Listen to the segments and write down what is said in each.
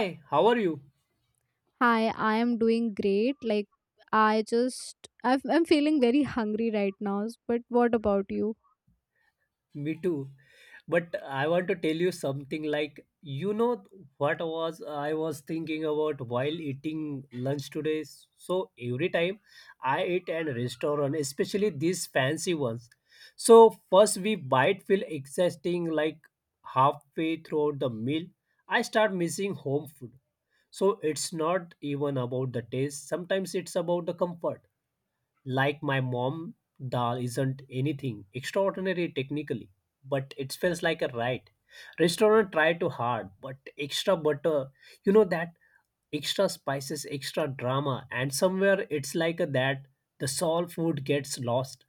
Hi, how are you? Hi, I am doing great. Like, I just, I'm feeling very hungry right now. But what about you? Me too. But I want to tell you something, like, you know what was I was thinking about while eating lunch today. So every time I eat at a restaurant, especially these fancy ones. So first we bite feel exhausting like halfway throughout the meal. I start missing home food. So it's not even about the taste. Sometimes it's about the comfort. Like my mom, dal isn't anything extraordinary technically, but it smells like a right. Restaurant try too hard, but extra butter, you know that extra spices, extra drama, and somewhere it's like a, that the soul food gets lost.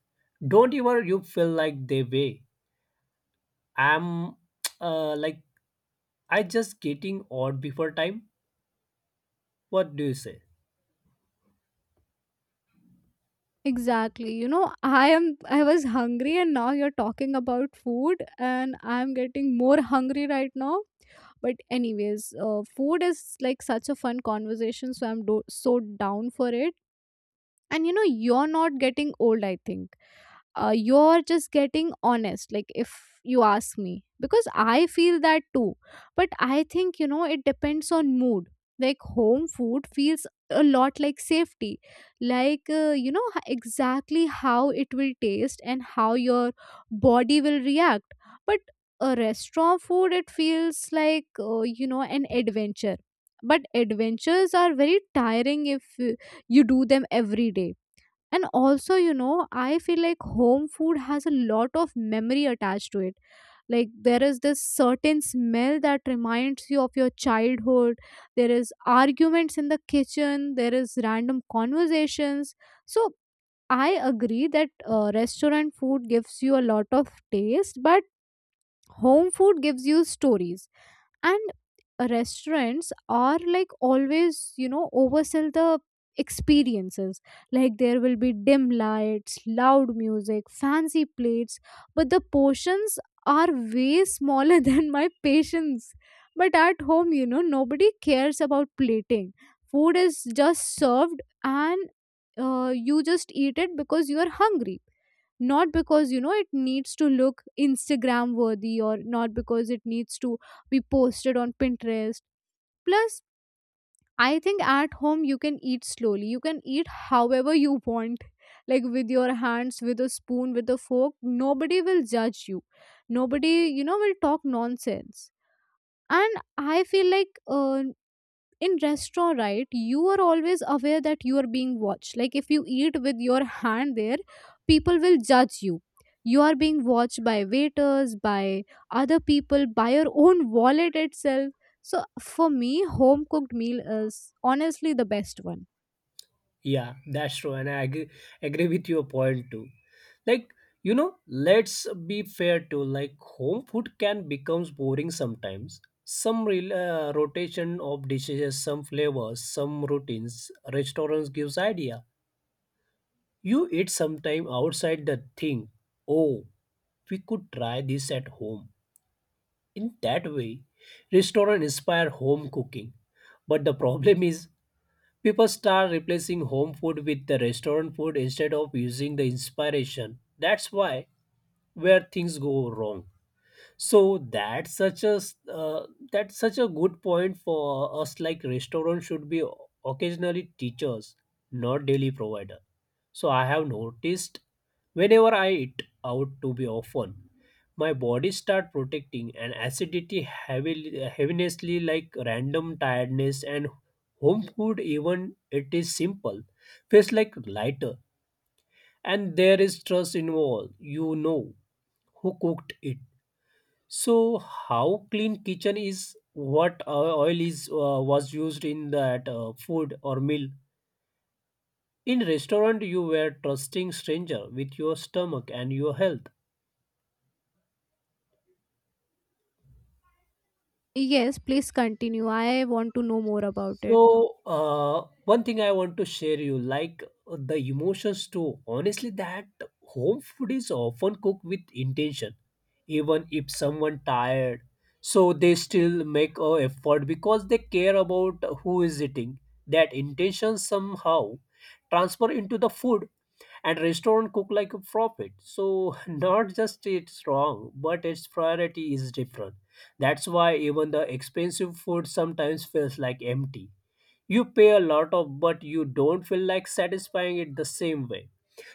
Don't even you feel like they way. I'm like I just getting odd before time. What do you say? Exactly. You know, I was hungry and now you're talking about food and I'm getting more hungry right now. But, anyways, food is like such a fun conversation. So, so down for it. And, you're not getting old, I think. You're just getting honest, like if you ask me, because I feel that too, but I think it depends on mood. Like, home food feels a lot like safety. Like, exactly how it will taste and how your body will react. But a restaurant food, it feels like, an adventure. But adventures are very tiring if you do them every day. And also, I feel like home food has a lot of memory attached to it. Like, there is this certain smell that reminds you of your childhood. There is arguments in the kitchen. There is random conversations. So I agree that restaurant food gives you a lot of taste, but home food gives you stories. And restaurants are like always oversell the experiences. Like, there will be dim lights, loud music, fancy plates, but the portions are way smaller than my patience. But at home, nobody cares about plating. Food is just served, and you just eat it because you are hungry, not because it needs to look Instagram worthy, or not because it needs to be posted on Pinterest. Plus, I think at home you can eat slowly, you can eat however you want, like with your hands, with a spoon, with a fork. Nobody will judge you. Nobody, will talk nonsense. And I feel like, in restaurant, right, you are always aware that you are being watched. Like, if you eat with your hand there, people will judge you. You are being watched by waiters, by other people, by your own wallet itself. So for me, home cooked meal is honestly the best one. Yeah, that's true, and I agree, agree with your point too. Like, you know, let's be fair too, like home food can becomes boring sometimes some real, rotation of dishes, some flavors, some routines. Restaurants gives idea, you eat sometime outside the thing, oh, we could try this at home. In that way, restaurants inspire home cooking. But the problem is, people start replacing home food with the restaurant food instead of using the inspiration. That's why where things go wrong. So that's such a that's such a good point for us. Like, restaurant should be occasionally teachers, not daily provider. So I have noticed, whenever I eat out to be often, my body start protecting and acidity heavily, heavinessly, like random tiredness. And home food, even it is simple, feels like lighter, and there is trust involved, you know who cooked it. So, how clean kitchen is, what oil is was used in that food or meal. In restaurant, you were trusting stranger with your stomach and your health. Yes, please continue, I want to know more about it. So, one thing I want to share you, like the emotions too. Honestly, that home food is often cooked with intention, even if someone tired. So they still make a effort because they care about who is eating. That intention somehow transfer into the food, and restaurant cook like a profit. So not just it's wrong, but its priority is different. That's why even the expensive food sometimes feels like empty. You pay a lot of, but you don't feel like satisfying it the same way.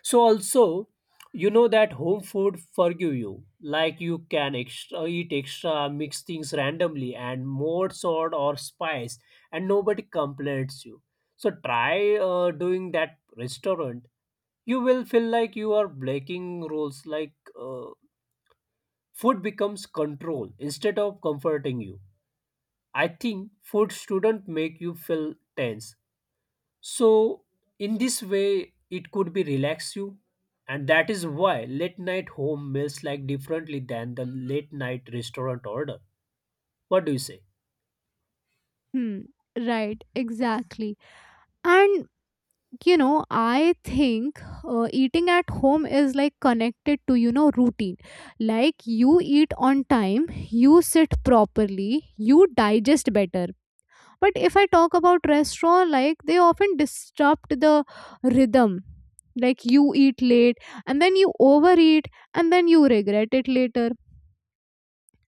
So also, you know that home food forgive you, like you can extra eat, extra mix things randomly and more salt or spice, and nobody complains you. So try doing that restaurant, you will feel like you are breaking rules. Like, uh, food becomes control instead of comforting you. I think food shouldn't make you feel tense. So, in this way, it could be relax you, and that is why late night home meals like differently than the late night restaurant order. What do you say? Hmm. Right, exactly. And, I think eating at home is like connected to, routine. Like, you eat on time, you sit properly, you digest better. But if I talk about restaurant, like, they often disrupt the rhythm. Like, you eat late, and then you overeat, and then you regret it later,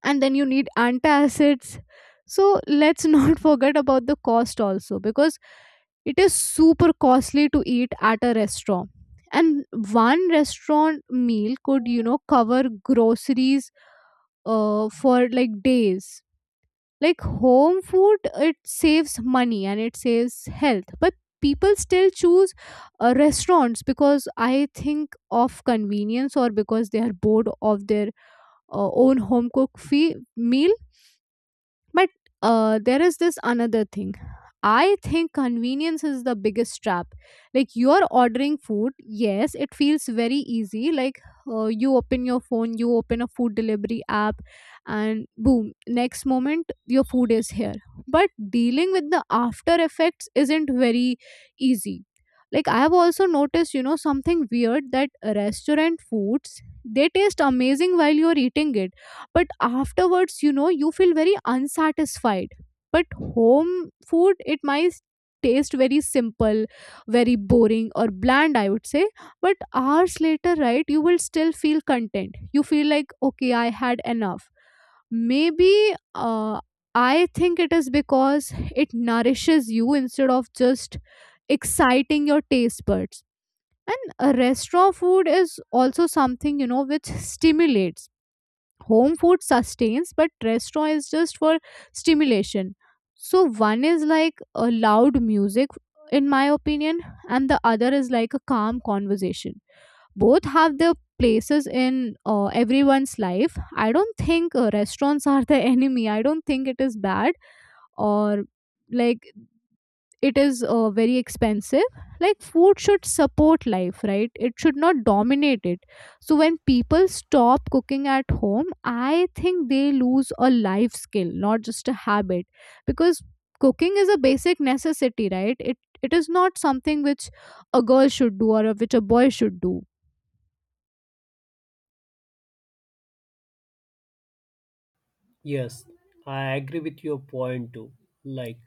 and then you need antacids. So let's not forget about the cost also, because it is super costly to eat at a restaurant. And one restaurant meal could, cover groceries for like days. Like, home food, it saves money and it saves health, but people still choose, restaurants because I think of convenience, or because they are bored of their own home cooked meal. But there is this another thing. I think convenience is the biggest trap. Like, you are ordering food, yes, it feels very easy. Like, you open your phone, you open a food delivery app, and boom, next moment your food is here. But dealing with the after effects isn't very easy. Like, I have also noticed, something weird, that restaurant foods, they taste amazing while you're eating it, but afterwards, you feel very unsatisfied. But home food, it might taste very simple, very boring, or bland, I would say. But hours later, right, you will still feel content, you feel like, okay, I had enough. Maybe, uh, I think it is because it nourishes you instead of just exciting your taste buds. And a restaurant food is also something, which stimulates. Home food sustains, but restaurant is just for stimulation. So one is like a loud music, in my opinion, and the other is like a calm conversation. Both have their places in everyone's life. I don't think restaurants are the enemy, I don't think it is bad, or like, it is very expensive. Like, food should support life, right, it should not dominate it. So when people stop cooking at home, I think they lose a life skill, not just a habit. Because cooking is a basic necessity, right, it is not something which a girl should do or which a boy should do. Yes, I agree with your point too. Like,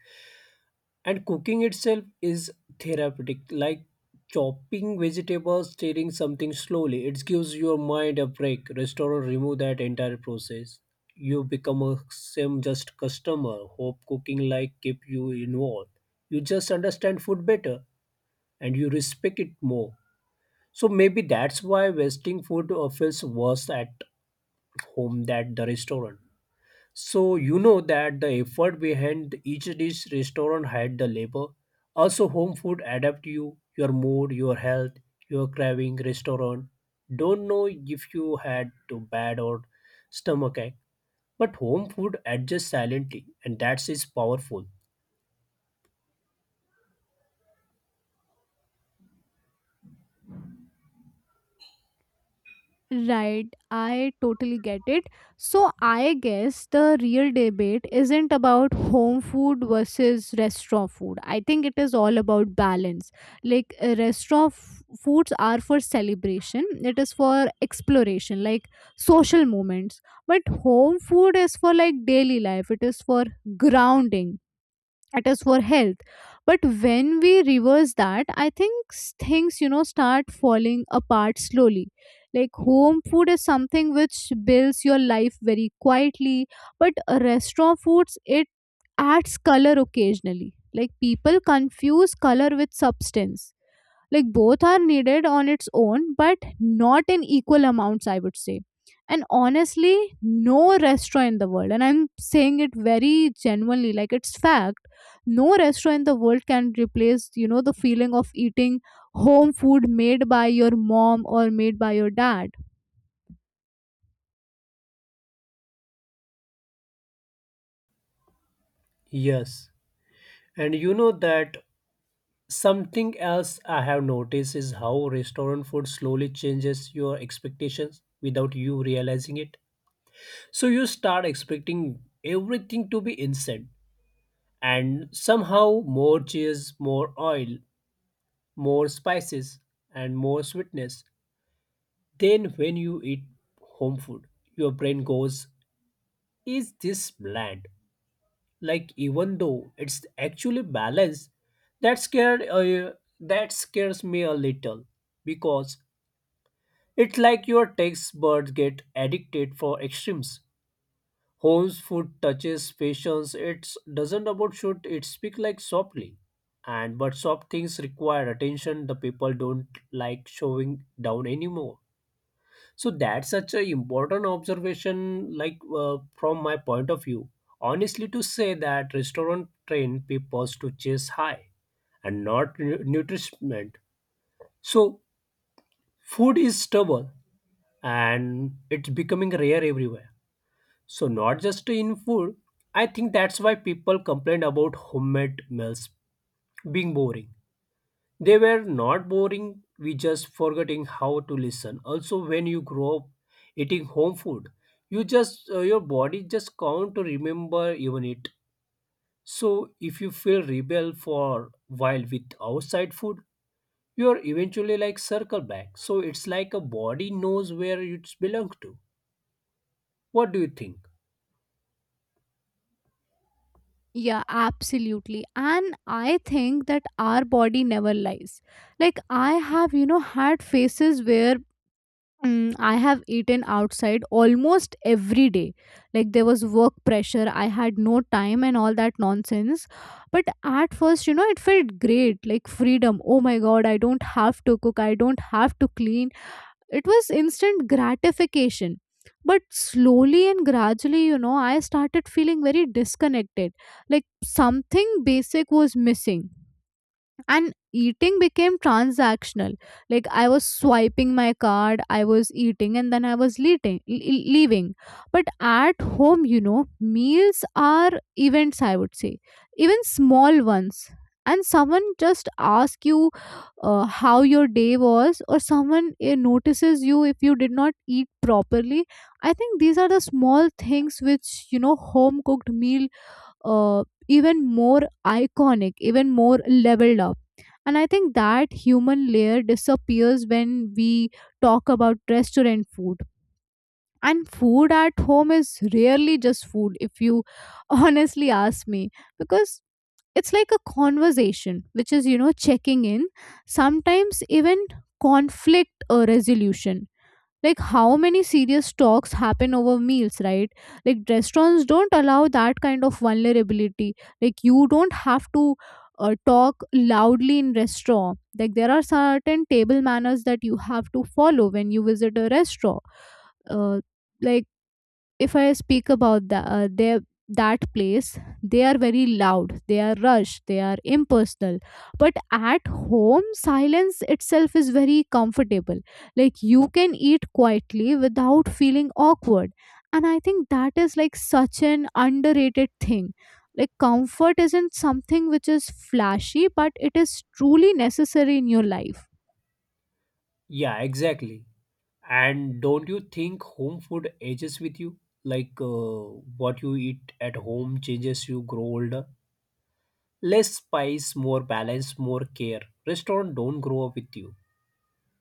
and cooking itself is therapeutic, like chopping vegetables, stirring something slowly. It gives your mind a break. Restaurant remove that entire process. You become a same just customer. Hope cooking like keep you involved. You just understand food better and you respect it more. So maybe that's why wasting food feels worse at home than the restaurant. So you know that the effort behind each dish restaurant had the labor. Also home food adapt you, your mood, your health, your craving restaurant. Don't know if you had to bad or stomach ache. But home food adjusts silently, and that's is powerful. Right, I totally get it. So, I guess the real debate isn't about home food versus restaurant food. I think it is all about balance. Like, restaurant foods are for celebration, it is for exploration, like social moments. But home food is for, like, daily life, it is for grounding at us, for health. But when we reverse that, I think things, start falling apart slowly. Like, home food is something which builds your life very quietly, but restaurant foods, it adds color occasionally. Like, people confuse color with substance. Like, both are needed on its own, but not in equal amounts, I would say. And honestly, no restaurant in the world, and I'm saying it very genuinely, like, it's fact, no restaurant in the world can replace, the feeling of eating home food made by your mom or made by your dad. Yes. And you know that something else I have noticed is how restaurant food slowly changes your expectations without you realizing it. So you start expecting everything to be instant and somehow more cheese, more oil, more spices, and more sweetness. Then when you eat home food, your brain goes, is this bland? Like even though it's actually balanced, that scared that scares me a little because it's like your taste buds get addicted for extremes. Home's food touches patience. It doesn't about shoot. It speak like softly, and but soft things require attention. The people don't like showing down anymore. So that's such an important observation. Like, from my point of view, honestly, to say that restaurant train people to chase high and not nutrition. So food is stubborn and it's becoming rare everywhere. So not just in food. I think that's why people complain about homemade meals being boring. They were not boring, we just forgetting how to listen. Also when you grow up eating home food, you just your body just can't remember even it. So if you feel rebel for while with outside food, you're eventually like circle back. So it's like a body knows where it belongs to. What do you think? Yeah, absolutely. And I think that our body never lies. Like, I have, had phases where I have eaten outside almost every day. Like, there was work pressure, I had no time, and all that nonsense. But at first, it felt great, like freedom. Oh my god, I don't have to cook, I don't have to clean. It was instant gratification. But slowly and gradually, I started feeling very disconnected. Like, something basic was missing, and eating became transactional. Like, I was swiping my card, I was eating, and then I was leaving. But at home, meals are events, I would say, even small ones. And someone just asks you, how your day was, or someone notices you if you did not eat properly. I think these are the small things which, home cooked meal even more iconic, even more leveled up. And I think that human layer disappears when we talk about restaurant food. And food at home is rarely just food, if you honestly ask me, because it's like a conversation, which is, checking in, sometimes even conflict or resolution. Like, how many serious talks happen over meals, right? Like, restaurants don't allow that kind of vulnerability. Like, you don't have to talk loudly in restaurant. Like, there are certain table manners that you have to follow when you visit a restaurant. uh, like, if I speak about their, that place, they are very loud, they are rushed, they are impersonal. But at home, silence itself is very comfortable. Like, you can eat quietly without feeling awkward. And I think that is like such an underrated thing. Like, comfort isn't something which is flashy, but it is truly necessary in your life. Yeah, exactly. And don't you think home food ages with you? Like, what you eat at home changes you grow older. Less spice, more balance, more care. Restaurant don't grow up with you,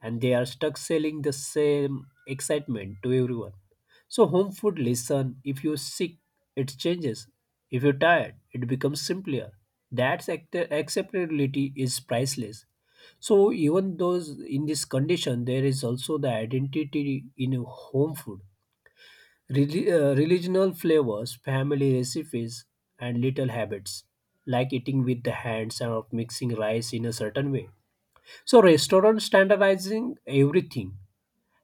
and they are stuck selling the same excitement to everyone. So home food listen, if you're sick, it changes. If you're tired, it becomes simpler. That's acceptability is priceless. So even those in this condition, there is also the identity in a home food, religional flavors, family recipes, and little habits like eating with the hands or mixing rice in a certain way. So restaurant standardizing everything,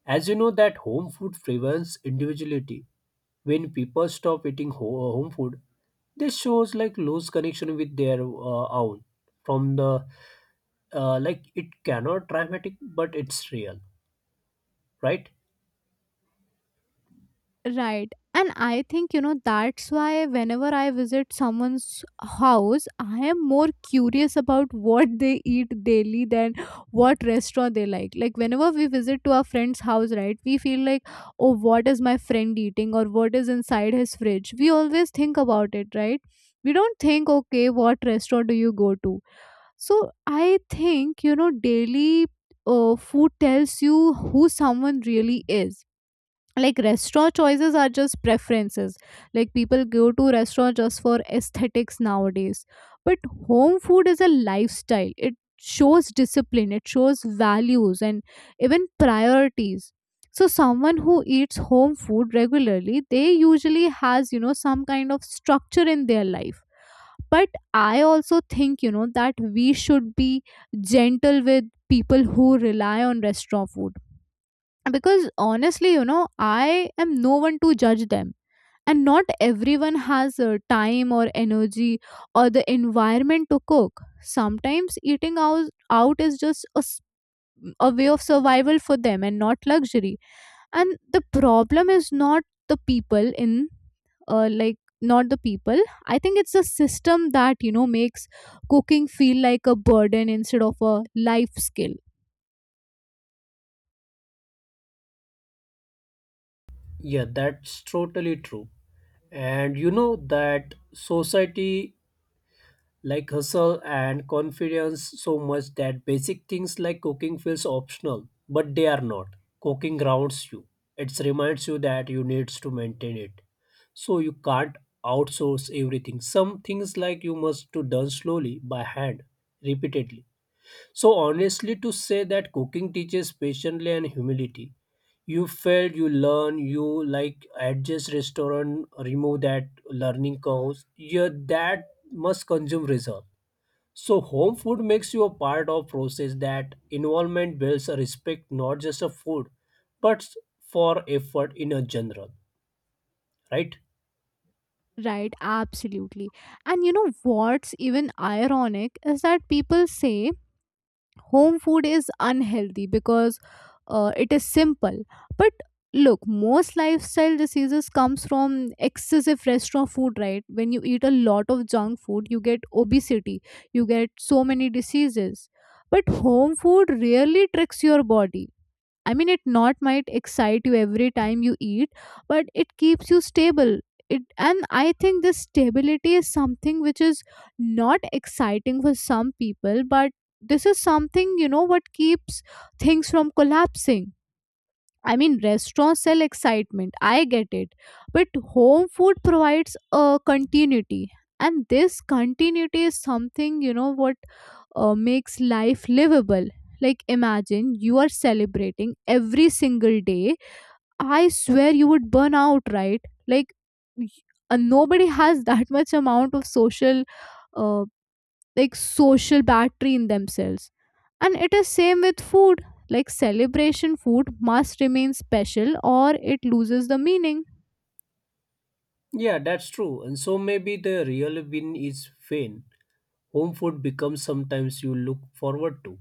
as you know that home food favors individuality. When people stop eating home food, this shows like lose connection with their own from the like it cannot dramatic, but it's real, right? Right. And I think, that's why whenever I visit someone's house, I am more curious about what they eat daily than what restaurant they like. Like, whenever we visit to our friend's house, right, we feel like, oh, what is my friend eating, or what is inside his fridge? We always think about it, right? We don't think, okay, what restaurant do you go to? So I think, daily food tells you who someone really is. Like, restaurant choices are just preferences. Like, people go to restaurant just for aesthetics nowadays. But home food is a lifestyle, it shows discipline, it shows values, and even priorities. So someone who eats home food regularly, they usually has, some kind of structure in their life. But I also think, that we should be gentle with people who rely on restaurant food. Because honestly, I am no one to judge them. And not everyone has time or energy or the environment to cook. Sometimes eating out is just a way of survival for them and not luxury. And the problem is not the people in like not the people, I think it's the system that, makes cooking feel like a burden instead of a life skill. Yeah, that's totally true. And you know that society like hustle and confidence so much that basic things like cooking feels optional, but they are not. Cooking grounds you, it reminds you that you needs to maintain it. So you can't outsource everything, some things like you must to done slowly by hand repeatedly. So honestly to say that cooking teaches patience and humility. You fail, you learn, you like adjust. Restaurant remove that learning curves. Yeah, that must consume result. So home food makes you a part of process, that involvement builds a respect not just of food, but for effort in a general, right? Right, absolutely. And you know what's even ironic is that people say home food is unhealthy because it is simple. But look, most lifestyle diseases comes from excessive restaurant food, right? When you eat a lot of junk food, you get obesity, you get so many diseases. But home food really tricks your body. I mean, it not might excite you every time you eat, but it keeps you stable. It and I think this stability is something which is not exciting for some people, but this is something what keeps things from collapsing. I mean, restaurants sell excitement. I get it, but home food provides a continuity, and this continuity is something you know what makes life livable. Like, imagine you are celebrating every single day. I swear you would burn out, right? Like, y- Nobody has that much amount of social, uh, social battery in themselves. And it is same with food. Like, celebration food must remain special or it loses the meaning. Yeah, that's true. And so maybe the real win is fame, home food becomes sometimes you look forward to.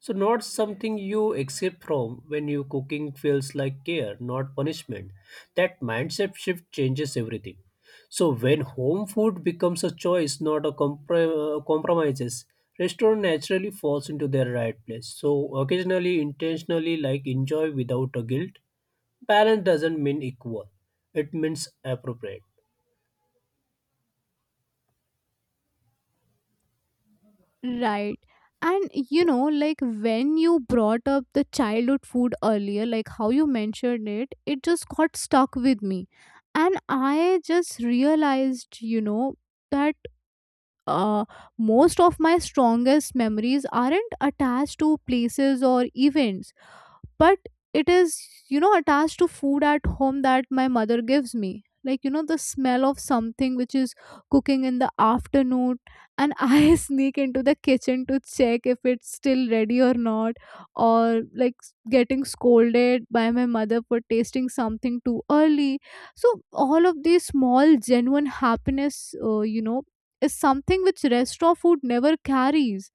So not something you escape from, when you cooking feels like care, not punishment. That mindset shift changes everything. So when home food becomes a choice, not a compromises, restaurant naturally falls into their right place. So occasionally, intentionally, like enjoy without a guilt. Balance doesn't mean equal; it means appropriate. Right. And you know, like when you brought up the childhood food earlier, like how you mentioned it, it just got stuck with me. And I just realized, you know, that uh, most of my strongest memories aren't attached to places or events, but it is attached to food at home that my mother gives me, like the smell of something which is cooking in the afternoon, and I sneak into the kitchen to check if it's still ready or not, or like getting scolded by my mother for tasting something too early. So all of these small genuine happiness, uh, you know is something which restaurant food never carries.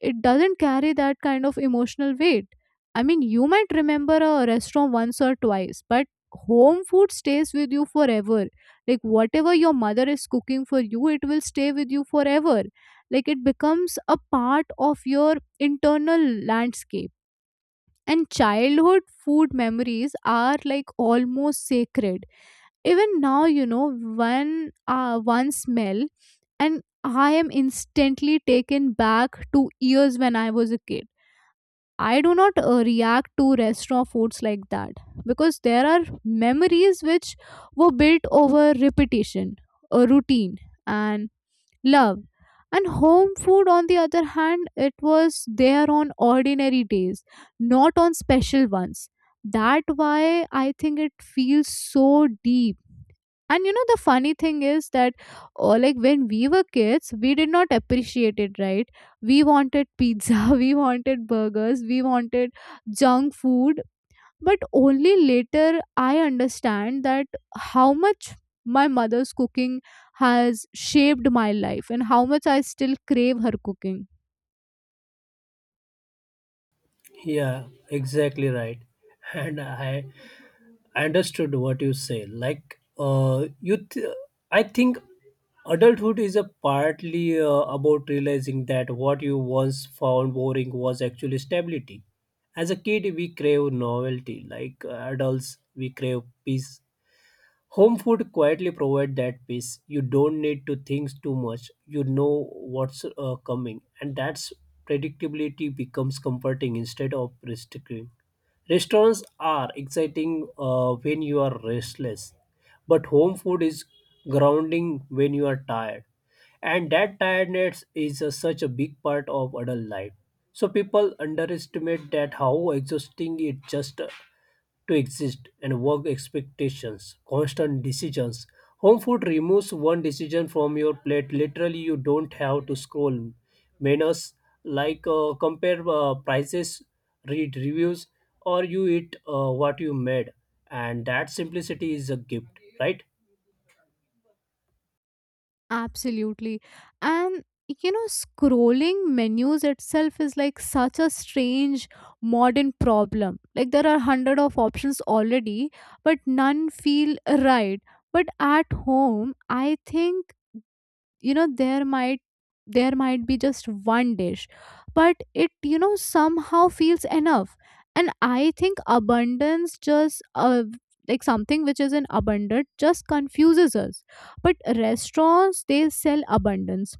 It doesn't carry that kind of emotional weight. I mean, you might remember a restaurant once or twice, but home food stays with you forever. Like, whatever your mother is cooking for you, it will stay with you forever. Like, it becomes a part of your internal landscape. And childhood food memories are like almost sacred. Even now, you know, one smell, and I am instantly taken back to years when I was a kid. I do not react to restaurant foods like that, because there are memories which were built over repetition, a routine, and love. And home food, on the other hand, it was there on ordinary days, not on special ones. That why I think it feels so deep. And you know the funny thing is that, like when we were kids we did not appreciate it, right? We wanted pizza, we wanted burgers, we wanted junk food. But only later I understand that how much my mother's cooking has shaped my life, and how much I still crave her cooking. Yeah, exactly right. And I understood what you say. Like, I think adulthood is a partly about realizing that what you once found boring was actually stability. As a kid, we crave novelty. Like, adults, we crave peace. Home food quietly provides that peace. You don't need to think too much. You know what's coming, and that's predictability becomes comforting instead of restricting. Restaurants are exciting when you are restless, but home food is grounding when you are tired, and that tiredness is such a big part of adult life. So people underestimate that how exhausting it just to exist and work expectations, constant decisions. Home food removes one decision from your plate. Literally, you don't have to scroll menus, like compare prices, read reviews, or you eat what you made. And that simplicity is a gift, right? Absolutely. And you know, scrolling menus itself is like such a strange modern problem. Like there are hundred of options already, but none feel right. But at home, I think, you know there might there might be just one dish, but it somehow feels enough. And I think abundance just like something which is in abundant just confuses us. But restaurants, they sell abundance,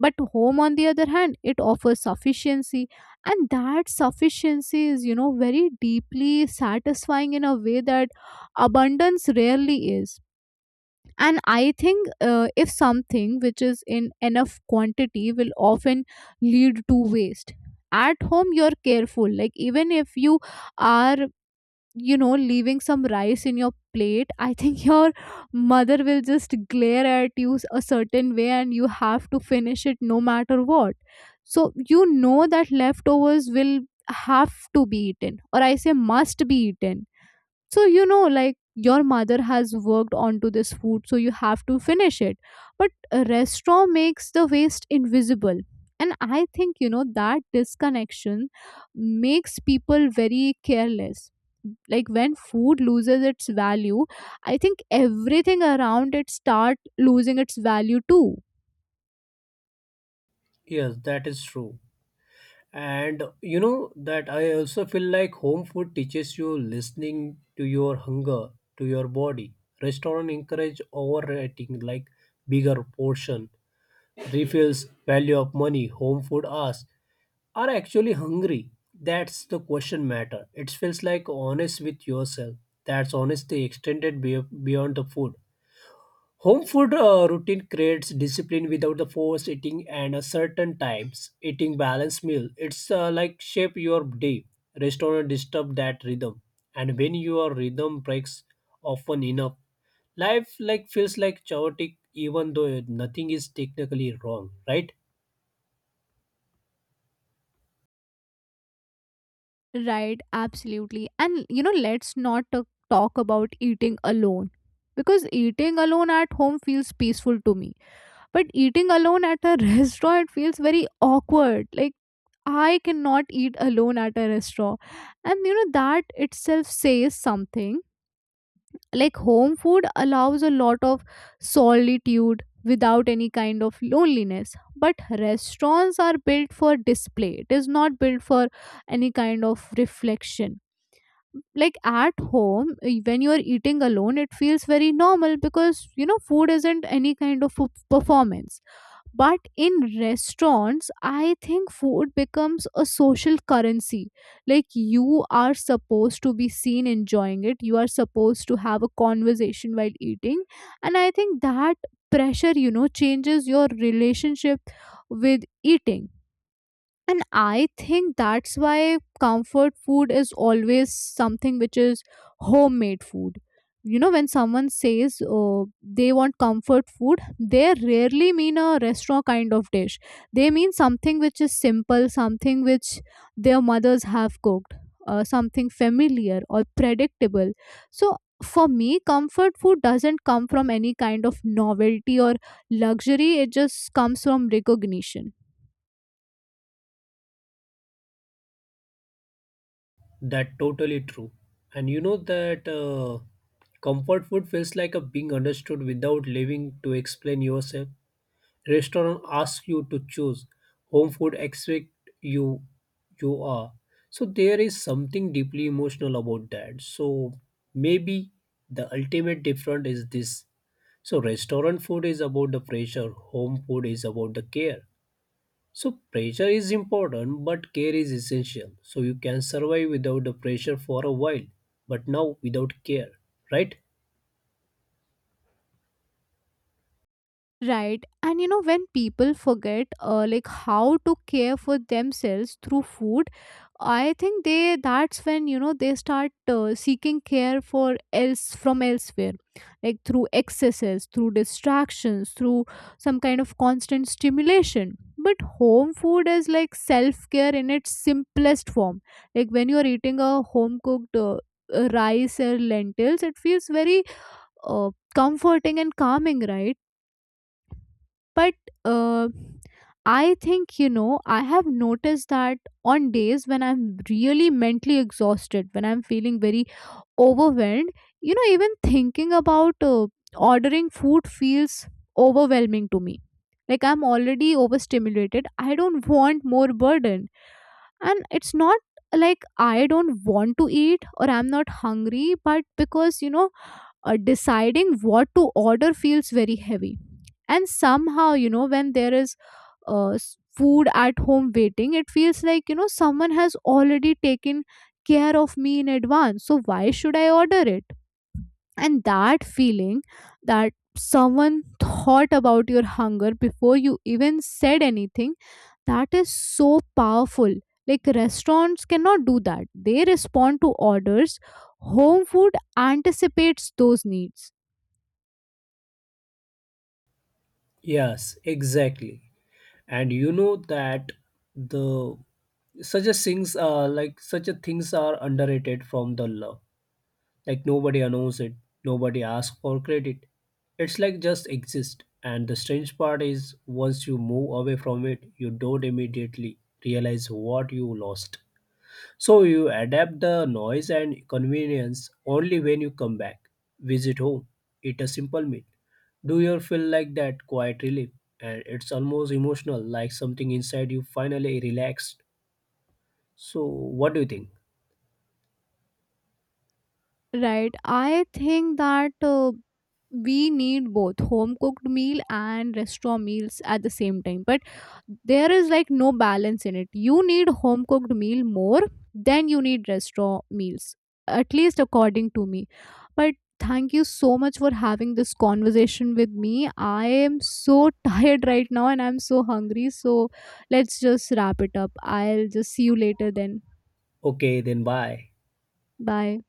but home, on the other hand, it offers sufficiency. And that sufficiency is, you know, very deeply satisfying in a way that abundance rarely is. And I think if something which is in enough quantity will often lead to waste. At home you're careful, like even if you are, you know, leaving some rice in your plate, I think your mother will just glare at you a certain way and you have to finish it no matter what. So you know that leftovers will have to be eaten, or I say must be eaten. So you know, like your mother has worked onto this food, so you have to finish it. But a restaurant makes the waste invisible, and I think you know that disconnection makes people very careless. Like when food loses its value, I think everything around it start losing its value too. Yes, that is true. And you know that I also feel like home food teaches you listening to your hunger, to your body. Restaurant encourage overeating like bigger portion, refills, value of money. Home food asks, are I actually hungry? That's the question matter. It feels like honest with yourself. That's honesty extended beyond the food. Home food routine creates discipline without the forced eating, and a certain times eating balanced meal. It's like shape your day. Restaurant disturb that rhythm, and when your rhythm breaks often enough, life like feels like chaotic even though nothing is technically wrong. Right? Right, absolutely. And you know, let's not talk about eating alone, because eating alone at home feels peaceful to me, but eating alone at a restaurant feels very awkward. Like, I cannot eat alone at a restaurant, and you know that itself says something. Like, home food allows a lot of solitude without any kind of loneliness, but restaurants are built for display. It is not built for any kind of reflection. Like, at home, when you're eating alone it feels very normal because you know food isn't any kind of performance. But in restaurants, I think food becomes a social currency. Like, you are supposed to be seen enjoying it, you are supposed to have a conversation while eating. And I think that pressure, you know, changes your relationship with eating. And I think that's why comfort food is always something which is homemade food. You know, when someone says they want comfort food, they rarely mean a restaurant kind of dish. They mean something which is simple, something which their mothers have cooked, something familiar or predictable. So, for me, comfort food doesn't come from any kind of novelty or luxury, it just comes from recognition. That totally true. And you know that comfort food feels like a being understood without living to explain yourself. Restaurant asks you to choose, home food expect you, you are, so there is something deeply emotional about that. So maybe the ultimate difference is this. So restaurant food is about the pressure, home food is about the care. So pressure is important, but care is essential. So you can survive without the pressure for a while, but now without care, right? Right. And you know, when people forget like how to care for themselves through food, I think they that's when you know they start seeking care for else from elsewhere, like through excesses, through distractions, through some kind of constant stimulation. But home food is like self care in its simplest form. Like, when you are eating a home cooked rice or lentils, it feels very comforting and calming, right? But uh, I think, you know, I have noticed that on days when I'm really mentally exhausted, when I'm feeling very overwhelmed, you know, even thinking about ordering food feels overwhelming to me. Like, I'm already overstimulated. I don't want more burden. And it's not like I don't want to eat or I'm not hungry, but because, deciding what to order feels very heavy. And somehow you know when there is food at home waiting, it feels like you know someone has already taken care of me in advance, so why should I order it? And that feeling, that someone thought about your hunger before you even said anything, that is so powerful. Like, restaurants cannot do that, they respond to orders. Home food anticipates those needs. Yes, exactly. And you know that the such a things like such a things are underrated from the law. Like nobody announces it, nobody asks for credit. It's like just exist, and the strange part is once you move away from it you don't immediately realize what you lost. So you adapt the noise and convenience, only when you come back, visit home, eat a simple meal. Do you feel like that quiet relief? And it's almost emotional, like something inside you finally relaxed. So what do you think? Right. I think that we need both home cooked meal and restaurant meals at the same time. But there is like no balance in it. You need home cooked meal more than you need restaurant meals, at least according to me. But thank you so much for having this conversation with me. I am so tired right now, and I'm so hungry. So let's just wrap it up. I'll just see you later then. Okay, then bye. Bye.